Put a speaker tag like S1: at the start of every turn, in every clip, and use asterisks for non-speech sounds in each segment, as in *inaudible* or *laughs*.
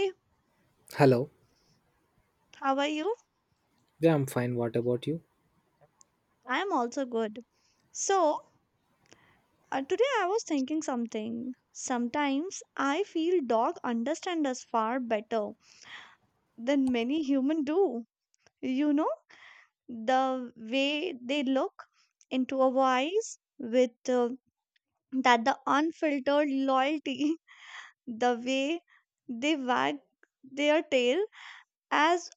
S1: Hey,
S2: Hello.
S1: how are you?
S2: Yeah, I'm fine. What about you?
S1: I'm also good. So, today I was thinking something. Sometimes I feel dog understand us far better than many human do. You know, the way they look into our eyes with uh, that the unfiltered loyalty, *laughs* the way they wag their tail as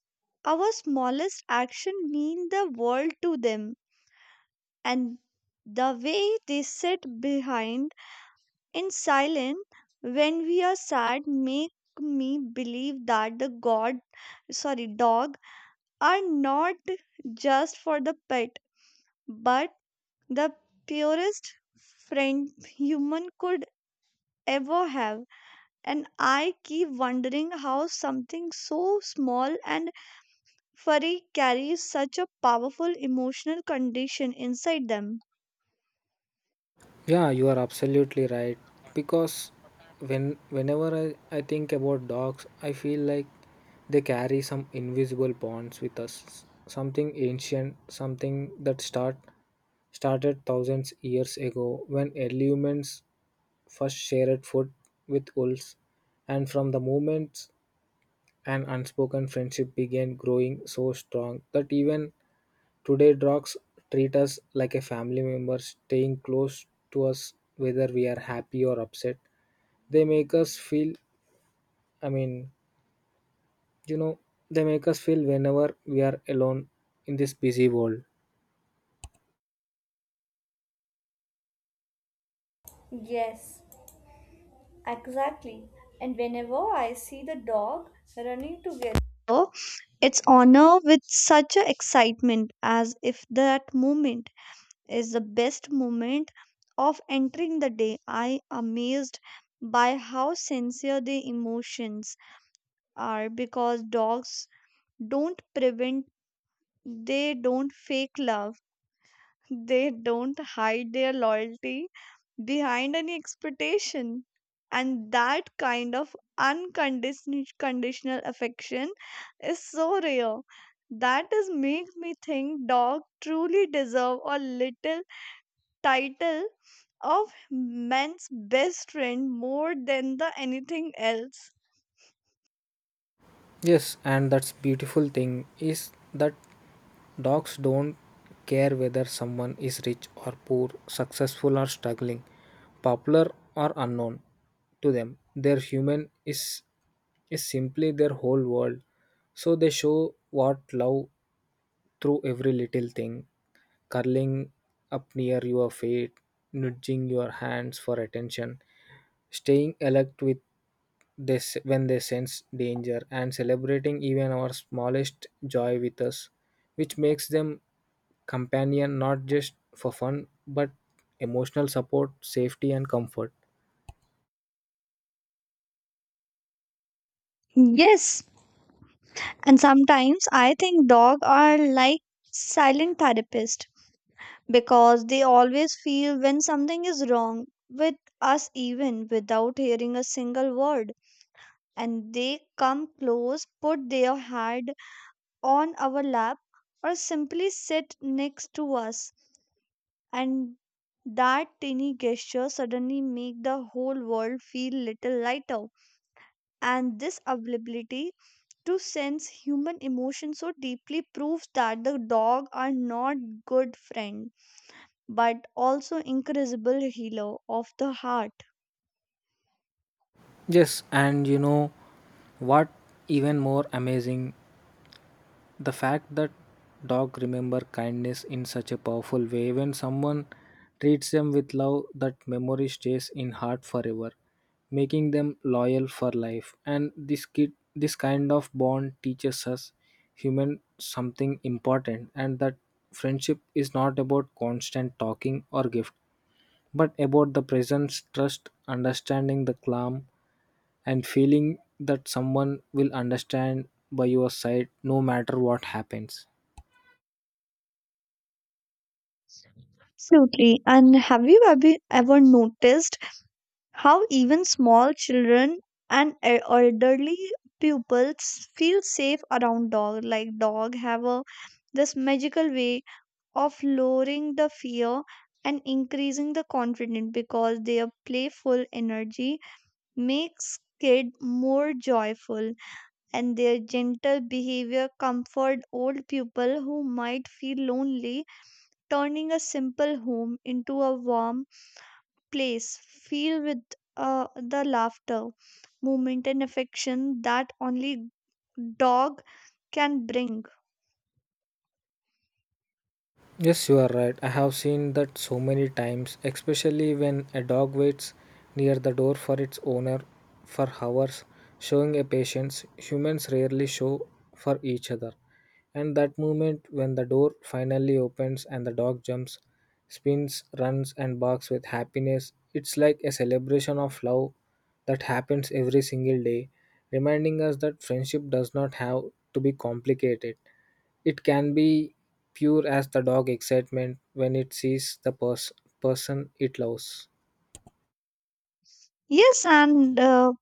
S1: our smallest action mean the world to them, and the way they sit behind in silence when we are sad make me believe that the god, sorry, dog are not just for the pet but the purest friend human could ever have. And I keep wondering how something so small and furry carries such a powerful emotional condition inside them.
S2: Yeah, you are absolutely right. Because whenever I think about dogs, I feel like they carry some invisible bonds with us. Something ancient, something that started 1000s years ago when early humans first shared food with wolves, and from the moment an unspoken friendship began growing so strong that even today, dogs treat us like a family member, staying close to us whether we are happy or upset. They make us feel, I mean, you know, they make us feel whenever we are alone in this busy world.
S1: Yes, exactly. And whenever I see the dog running together, its honor with such a excitement as if that moment is the best moment of entering the day, I amazed by how sincere the emotions are, because dogs don't prevent, they don't fake love, they don't hide their loyalty behind any expectation. And that kind of unconditional affection is so rare. That is makes me think dog truly deserve a little title of man's best friend more than the anything else.
S2: Yes, and that's beautiful thing is that dogs don't care whether someone is rich or poor, successful or struggling, popular or unknown to them. Their human is simply their whole world. So they show what love through every little thing, curling up near your feet, nudging your hands for attention, staying alert with this when they sense danger, and celebrating even our smallest joy with us, which makes them companion not just for fun but emotional support, safety, and comfort.
S1: Yes, and sometimes I think dogs are like silent therapists, because they always feel when something is wrong with us even without hearing a single word, and they come close put their head on our lap or simply sit next to us, and that tiny gesture suddenly make the whole world feel little lighter, and this ability to sense human emotion so deeply proves that the dog are not good friend but also incredible healer of the heart.
S2: Yes, and you know what even more amazing the fact that dog remember kindness in such a powerful way when someone treats them with love, that memory stays in heart forever, making them loyal for life, and this kind of bond teaches us human something important, and that friendship is not about constant talking or gift but about the presence, trust, understanding, the calm, and feeling that someone will understand by your side no matter what happens.
S1: Absolutely. And have you ever noticed how even small children and elderly pupils feel safe around dog? Like dog have a this magical way of lowering the fear and increasing the confidence because their playful energy makes kid more joyful and their gentle behavior comfort old people who might feel lonely, turning a simple home into a warm place filled with the laughter, movement, and affection that only dog can bring.
S2: Yes, you are right. I have seen that so many times, especially when a dog waits near the door for its owner for hours, showing a patience humans rarely show for each other. And that moment when the door finally opens and the dog jumps, spins, runs, and barks with happiness, it's like a celebration of love that happens every single day, reminding us that friendship does not have to be complicated. It can be pure as the dog excitement when it sees the person it loves.
S1: Yes, and uh,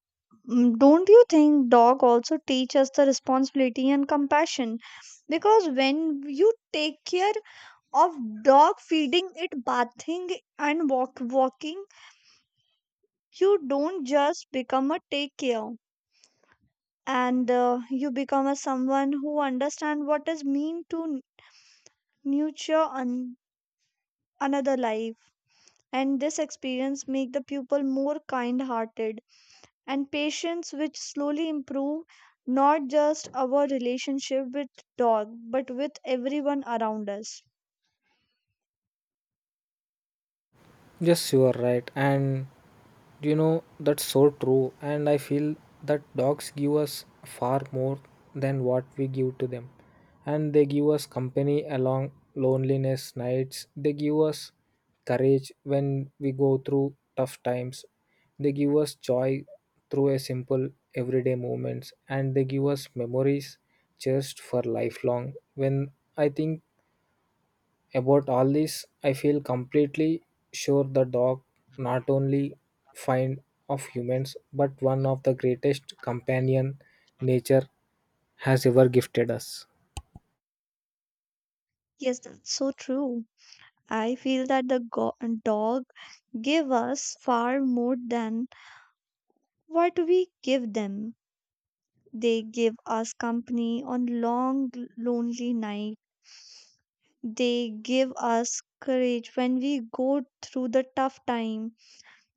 S1: mm, don't you think dog also teach us the responsibility and compassion? Because when you take care of dog feeding it, bathing and walking you don't just become a take care and you become a someone who understand what is mean to nurture another life, and this experience make the pupil more kind hearted and patience which slowly improve not just our relationship with dog but with everyone around us.
S2: Yes, you are right. And do you know that's so true? And I feel that dogs give us far more than what we give to them. And they give us company along loneliness nights. They give us courage when we go through tough times. They give us joy through a simple everyday moments, and they give us memories just for lifelong. When I think about all this, I feel completely sure the dog not only find of humans but one of the greatest companion nature has ever gifted us.
S1: Yes, that's so true. I feel that the dog give us far more than what we give them. They give us company on long, lonely night. They give us courage when we go through the tough time.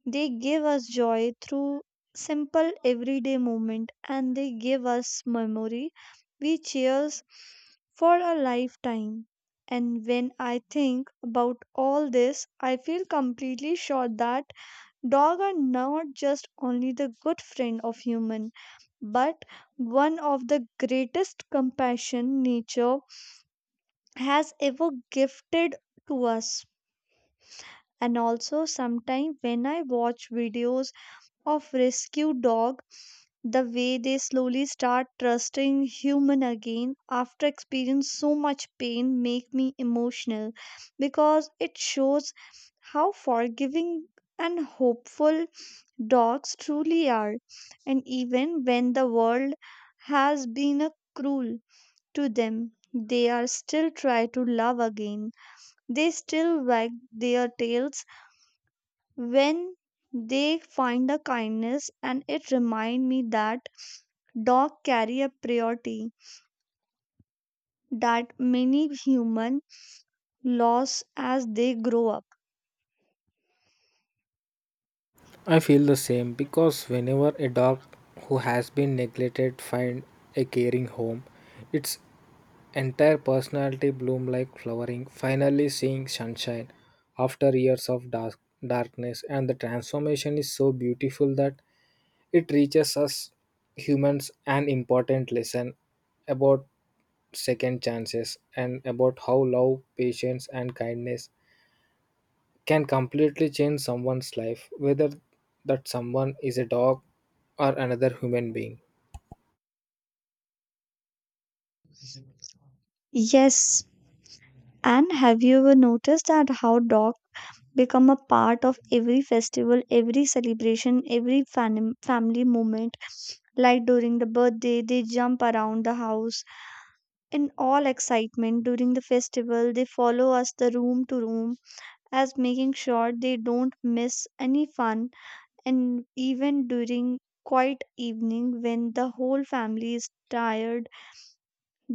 S1: They give us joy through simple everyday moment, and they give us memory we cherish for a lifetime. And when I think about all this, I feel completely sure that dogs are not just only the good friend of human but one of the greatest compassion nature has ever gifted to us. And also, sometimes when I watch videos of rescue dog, the way they slowly start trusting human again after experience so much pain make me emotional, because it shows how forgiving and hopeful dogs truly are. And even when the world has been a cruel to them, they are still try to love again. They still wag their tails when they find a kindness, and it remind me that dog carry a priority that many human lose as they grow up.
S2: I feel the same because whenever a dog who has been neglected find a caring home, its entire personality bloom like flowering, finally seeing sunshine after years of darkness, and the transformation is so beautiful that it reaches us humans an important lesson about second chances and about how love, patience, and kindness can completely change someone's life, whether that someone is a dog or another human being.
S1: Yes, and have you ever noticed that how dog become a part of every festival, every celebration, every family moment? Like during the birthday, they jump around the house. In all excitement during the festival, they follow us the room to room as making sure they don't miss any fun. And even during quiet evening when the whole family is tired,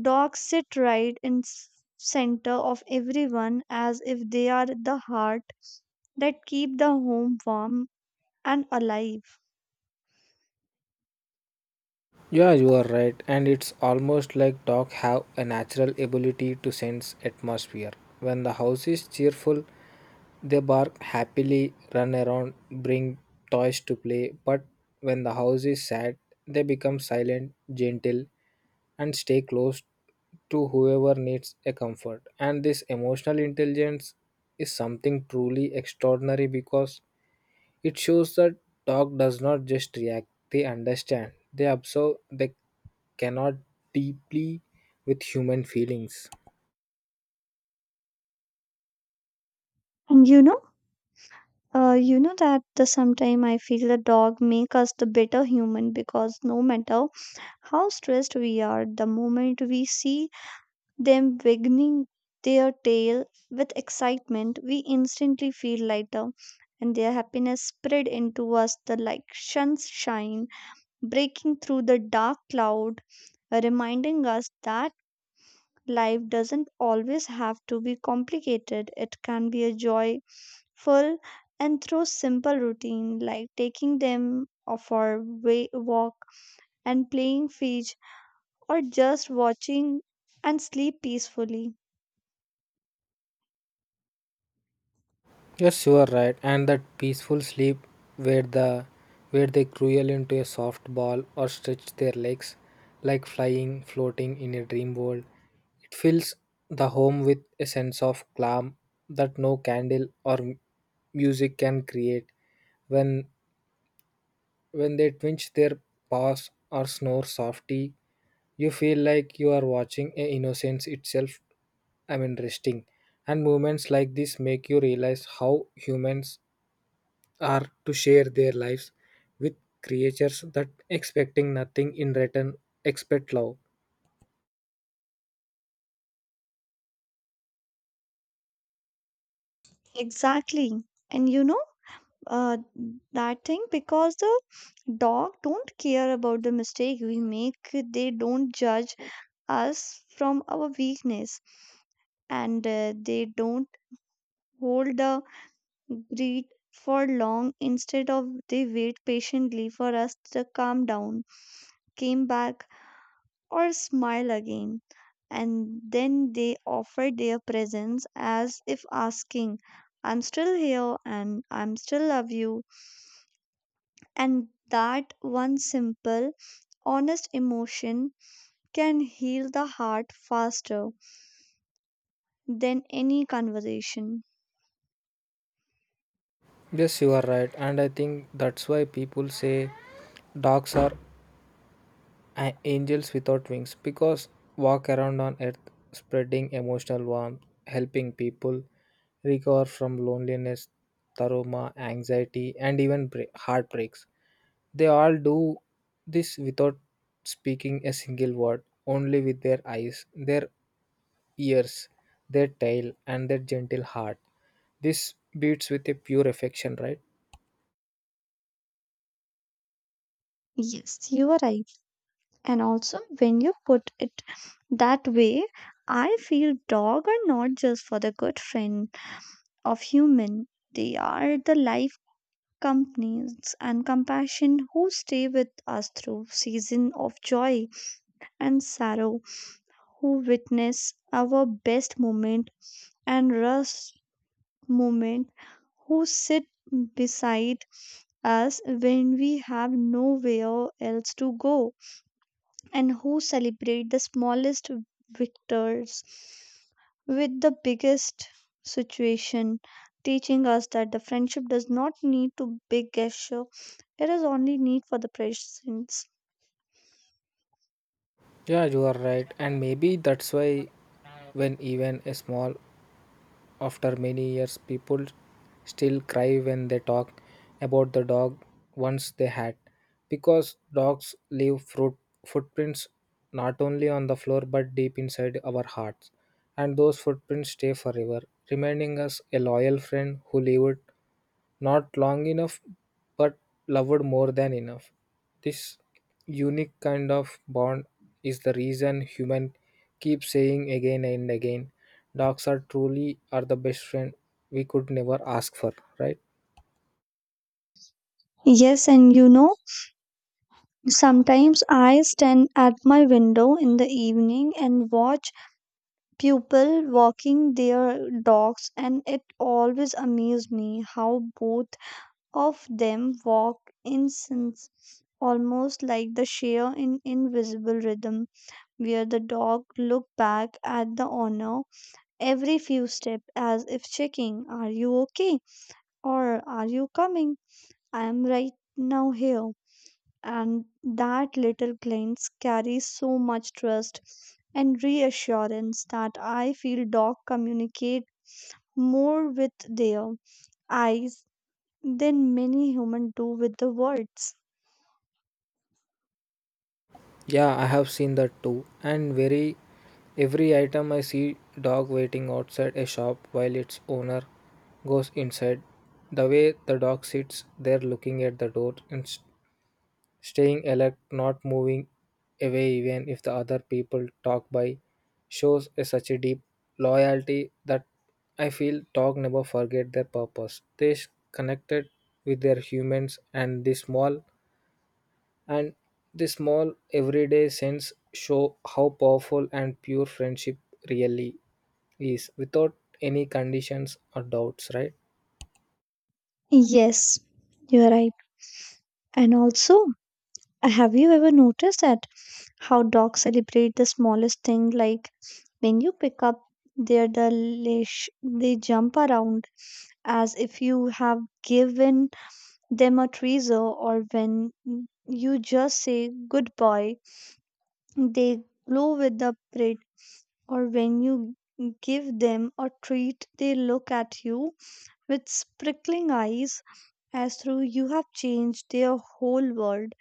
S1: dogs sit right in center of everyone as if they are the heart that keep the home warm and alive.
S2: Yeah, you are right, and it's almost like dogs have a natural ability to sense atmosphere. When the house is cheerful, they bark happily, run around, bring toys to play, but when the house is sad, they become silent, gentle, and stay close to whoever needs a comfort. And this emotional intelligence is something truly extraordinary because it shows that dog does not just react, they understand. They observe, they cannot deeply with human feelings.
S1: And you know that the sometime I feel the dog make us the better human because no matter how stressed we are the moment we see them wagging their tail with excitement, we instantly feel lighter, and their happiness spread into us the like sunshine breaking through the dark cloud, reminding us that life doesn't always have to be complicated. It can be a joyful and through simple routine like taking them of our way, walk and playing fetch or just watching and sleep peacefully.
S2: Yes, you are right. And that peaceful sleep where the where they crawl into a soft ball or stretch their legs like flying, floating in a dream world. It fills the home with a sense of calm that no candle or music can create when When they twitch their paws or snore softly, you feel like you are watching a innocence itself, resting. And movements like this make you realize how humans are to share their lives with creatures that expecting nothing in return expect love.
S1: Exactly. And uh, that thing because the dog don't care about the mistake we make. They don't judge us from our weakness, and they don't hold the greed for long, instead of they wait patiently for us to calm down, came back or smile again. And then they offer their presence as if asking, "I'm still here and I'm still love you." And that one simple, honest emotion can heal the heart faster than any conversation.
S2: Yes, you are right, and I think that's why people say dogs are angels without wings because walk around on earth spreading emotional warmth, helping people recover from loneliness, trauma, anxiety, and even heartbreaks. They all do this without speaking a single word, only with their eyes, their ears, their tail, and their gentle heart. This beats with a pure affection, right?
S1: Yes, you are right. And also, when you put it that way, I feel dog are not just for the good friend of human. They are the life companies and compassion who stay with us through season of joy and sorrow, who witness our best moment and rough moment, who sit beside us when we have nowhere else to go, and who celebrate the smallest victors with the biggest situation, teaching us that the friendship does not need to big gesture. It is only need for the presence.
S2: Yeah, you are right, and maybe that's why when even a small after many years, people still cry when they talk about the dog once they had, because dogs leave footprints not only on the floor but deep inside our hearts, and those footprints stay forever, reminding us a loyal friend who lived not long enough, but loved more than enough. This unique kind of bond is the reason human keep saying again and again, dogs are truly are the best friend we could never ask for, right?
S1: Yes, and sometimes I stand at my window in the evening and watch people walking their dogs, and it always amazes me how both of them walk in sync, almost like the share in invisible rhythm, where the dog look back at the owner every few steps as if checking, "Are you okay?" or "Are you coming? I am right now here." And that little glance carries so much trust and reassurance that I feel dogs communicate more with their eyes than many humans do with the words.
S2: Yeah, I have seen that too. And very every item I see dog waiting outside a shop while its owner goes inside. The way the dog sits there looking at the door staying alert, not moving away even if the other people talk by, shows a such a deep loyalty that I feel dog never forget their purpose. Connected with their humans, and the and small everyday sense show how powerful and pure friendship really is without any conditions or doubts, right?
S1: Yes, you're right. And also, have you ever noticed that how dogs celebrate the smallest thing? Like when you pick up the leash, they jump around as if you have given them a treasure, or when you just say good boy, they glow with the pride, or when you give them a treat, they look at you with sparkling eyes as though you have changed their whole world.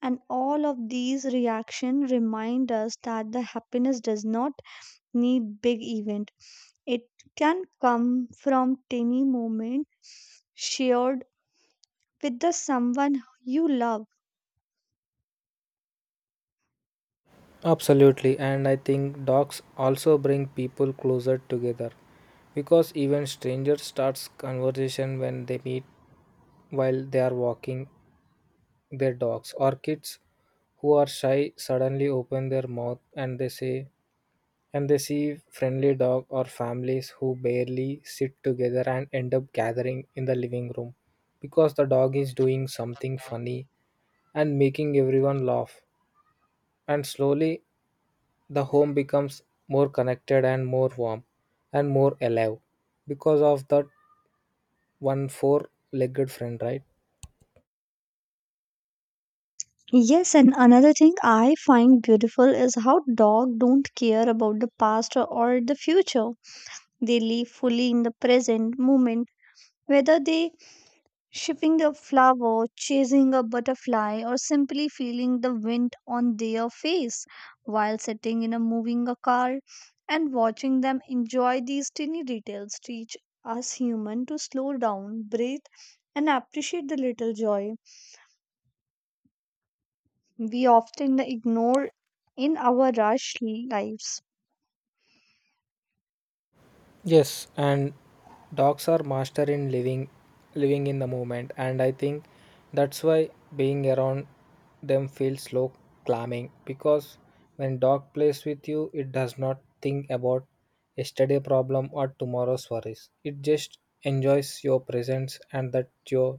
S1: And all of these reactions remind us that the happiness does not need big event. It can come from tiny moment shared with the someone you love.
S2: Absolutely, and I think dogs also bring people closer together because even strangers starts conversation when they meet while they are walking their dogs, or kids who are shy suddenly open their mouth and they say and they see friendly dog, or families who barely sit together and end up gathering in the living room because the dog is doing something funny and making everyone laugh, and slowly the home becomes more connected and more warm and more alive because of that one four legged friend, right?
S1: Yes, and another thing I find beautiful is how dog don't care about the past or the future. They live fully in the present moment, whether they shipping a flower, chasing a butterfly, or simply feeling the wind on their face while sitting in a moving a car. And watching them enjoy these tiny details teach us human to slow down, breathe, and appreciate the little joy we often ignore in our rush lives.
S2: Yes, and dogs are master in living in the moment, and I think that's why being around them feels slow climbing, because when dog plays with you it does not think about yesterday problem or tomorrow's worries, it just enjoys your presence, and that your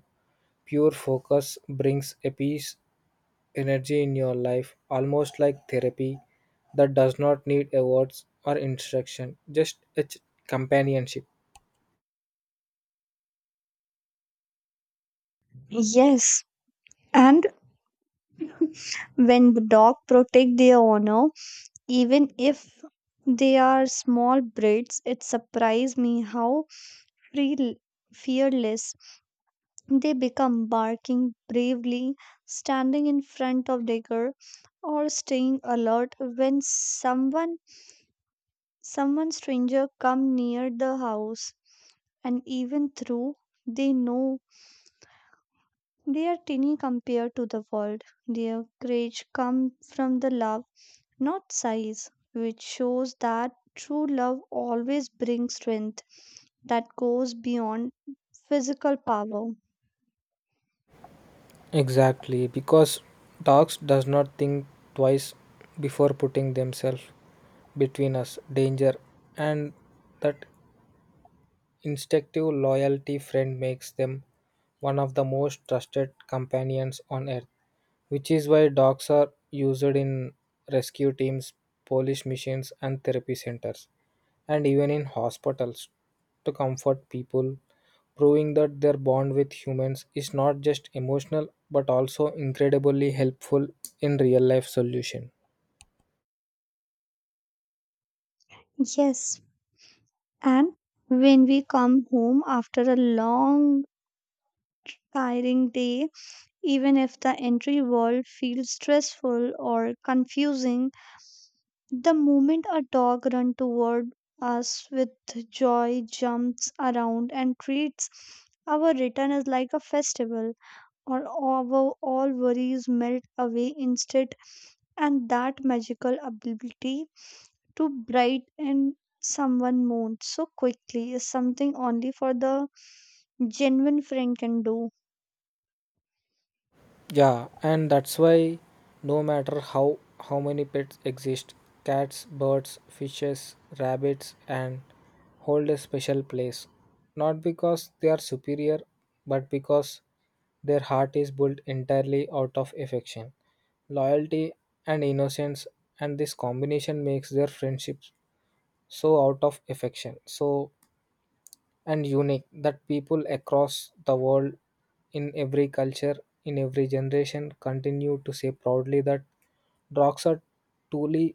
S2: pure focus brings a peace energy in your life, almost like therapy that does not need a words or instruction, just its companionship.
S1: Yes, and when the dog protect their owner, even if they are small breeds, it surprised me how freel- fearless. They become barking bravely, standing in front of digger, or staying alert when someone stranger come near the house. And even through they know they are tiny compared to the world, their courage comes from the love, not size, which shows that true love always brings strength that goes beyond physical power.
S2: Exactly, because dogs does not think twice before putting themselves between us danger, and that instinctive loyalty friend makes them one of the most trusted companions on earth, which is why dogs are used in rescue teams, police missions, and therapy centers, and even in hospitals to comfort people, proving that their bond with humans is not just emotional but also incredibly helpful in real life solution.
S1: Yes, and when we come home after a long, tiring day, even if the entry world feels stressful or confusing, the moment a dog runs toward us with joy, jumps around, and treats our return is like a festival, or our all worries melt away instant, and that magical ability to bright and someone moon so quickly is something only for the genuine friend can do.
S2: Yeah, and that's why no matter how many pets exist, cats, birds, fishes, rabbits and hold a special place. Not because they are superior, but because their heart is built entirely out of affection, loyalty, and innocence, and this combination makes their friendships so out of affection. So and unique that people across the world in every culture in every generation continue to say proudly that dogs are truly,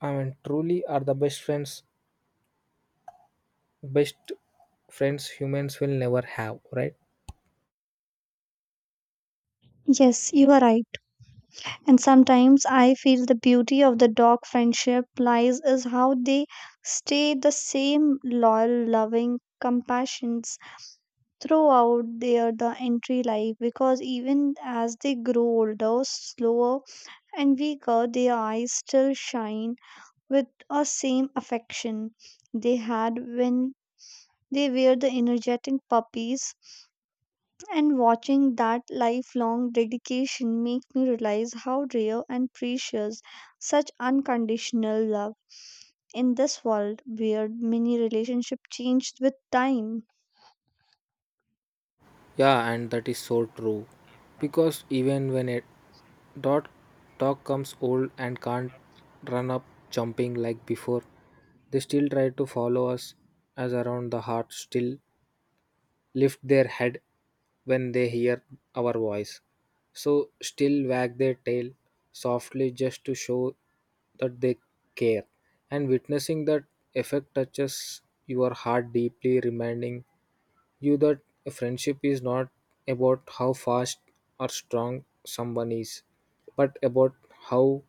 S2: I mean, truly are the best friends, best humans will never have, right?
S1: Yes, you are right. And sometimes I feel the beauty of the dog friendship lies is how they stay the same loyal, loving compassions throughout the entry life, because even as they grow older, slower and weaker, their eyes still shine with a same affection they had when they were the energetic puppies. And watching that lifelong dedication make me realize how rare and precious such unconditional love in this world where many relationships changed with time.
S2: Yeah, and that is so true because even when a dog dog comes old and can't run up jumping like before, they still try to follow us as around the heart, still lift their head when they hear our voice. So still wag their tail softly just to show that they care. And witnessing that effect touches your heart deeply, reminding you that a friendship is not about how fast or strong someone is, but about how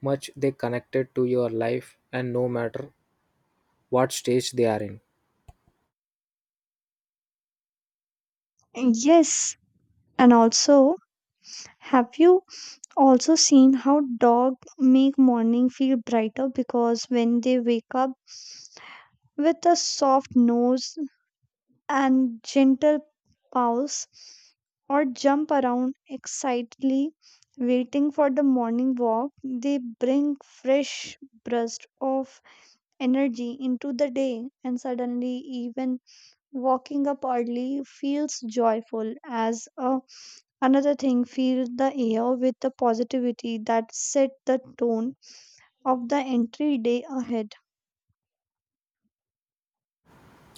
S2: much they connected to your life and no matter what stage they are in.
S1: Yes, and also have you also seen how dog make morning feel brighter because when they wake up with a soft nose and gentle pause or jump around excitedly waiting for the morning walk, they bring fresh burst of energy into the day. And suddenly even walking up early feels joyful as another thing fill the air with the positivity that set the tone of the entry day ahead.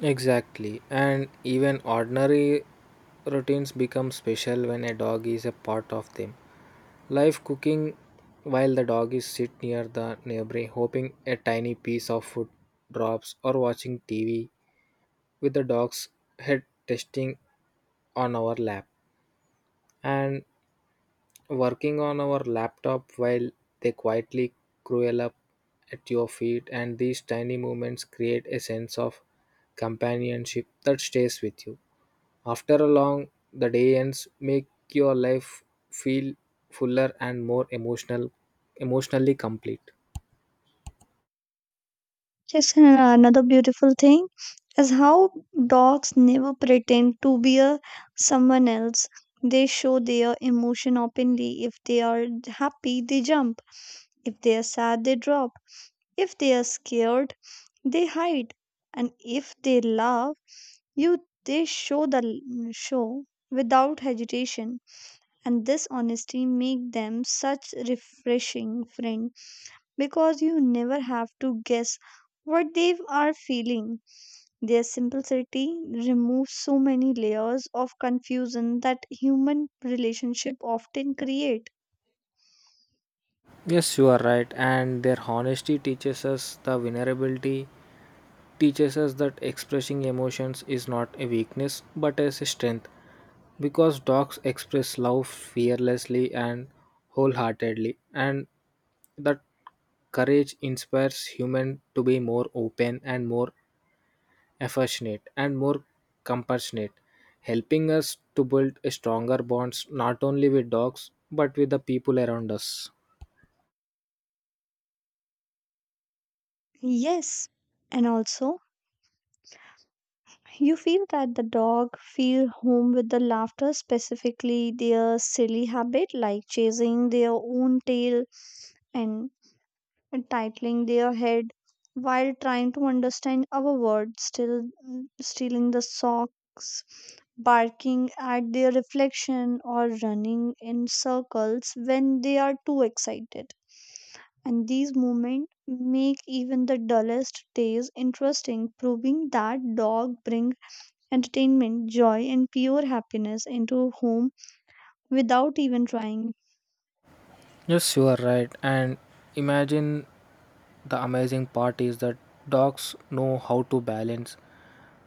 S2: Exactly. And even ordinary routines become special when a dog is a part of them. Life cooking while the dog is sit near the neighbor hoping a tiny piece of food drops, or watching TV with the dog's head testing on our lap, and working on our laptop while they quietly crawl up at your feet, and these tiny movements create a sense of companionship that stays with you after a long the day ends, make your life feel fuller and more emotionally complete.
S1: Yes, and another beautiful thing is how dogs never pretend to be a someone else. They show their emotion openly. If they are happy, they jump. If they are sad, they drop. If they are scared, they hide. And if they love you, they show without hesitation. And this honesty make them such refreshing friend because you never have to guess what they are feeling. Their simplicity removes so many layers of confusion that human relationship often create.
S2: Yes, you are right. And their honesty teaches us the vulnerability, teaches us that expressing emotions is not a weakness but is a strength. Because dogs express love fearlessly and wholeheartedly, and that courage inspires humans to be more open and more affectionate, and more compassionate, helping us to build stronger bonds not only with dogs but with the people around us.
S1: Yes, and also you feel that the dog feel home with the laughter, specifically their silly habit like chasing their own tail and titling their head while trying to understand our words, still stealing the socks, barking at their reflection, or running in circles when they are too excited. And these moments make even the dullest days interesting, proving that dog bring entertainment, joy, and pure happiness into home without even trying.
S2: Yes, you are right. And imagine the amazing part is that dogs know how to balance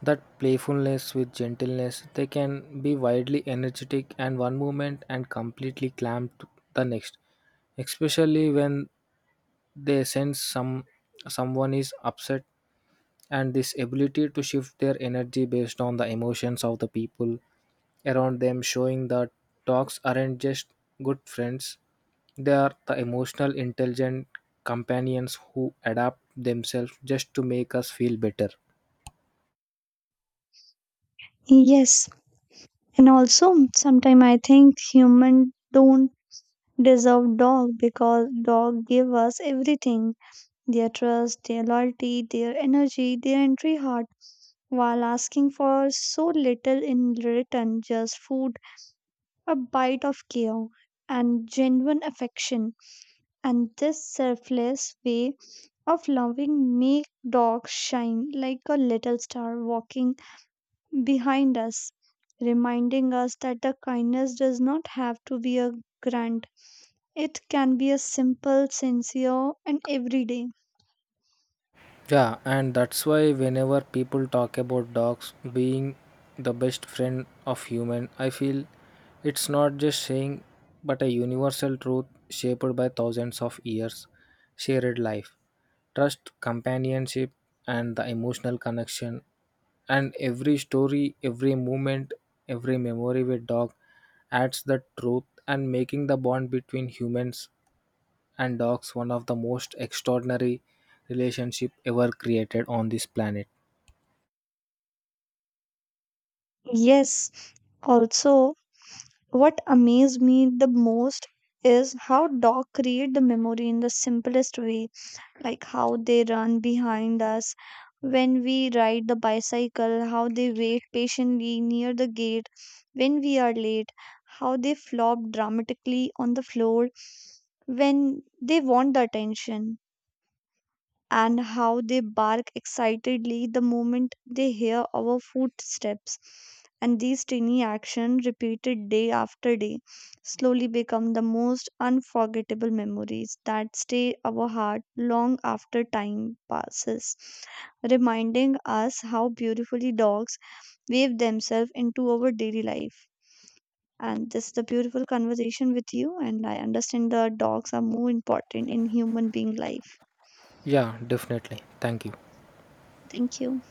S2: that playfulness with gentleness. They can be wildly energetic and one moment and completely clamped the next, especially when they sense someone is upset, and this ability to shift their energy based on the emotions of the people around them showing that dogs aren't just good friends, they are the emotional intelligent companions who adapt themselves just to make us feel better.
S1: Yes, and also sometimes I think human don't deserve dog, because dog give us everything: their trust, their loyalty, their energy, their entry heart, while asking for so little in return, just food, a bite of care, and genuine affection. And this selfless way of loving make dogs shine like a little star walking behind us, reminding us that the kindness does not have to be a grand. It can be a simple, sincere, and everyday.
S2: Yeah, and that's why whenever people talk about dogs being the best friend of human, I feel it's not just saying but a universal truth shaped by thousands of years shared life. Trust, companionship, and the emotional connection, and every story, every moment, every memory with dog adds the truth and making the bond between humans and dogs one of the most extraordinary relationship ever created on this planet.
S1: Yes, also, what amazed me the most is how dogs create the memory in the simplest way, like how they run behind us when we ride the bicycle, how they wait patiently near the gate when we are late, how they flop dramatically on the floor when they want the attention, and how they bark excitedly the moment they hear our footsteps. And these tiny actions, repeated day after day, slowly become the most unforgettable memories that stay our heart long after time passes, reminding us how beautifully dogs weave themselves into our daily life. And this is a beautiful conversation with you, and I understand the dogs are more important in human being life.
S2: Yeah, definitely, thank you.
S1: Thank you.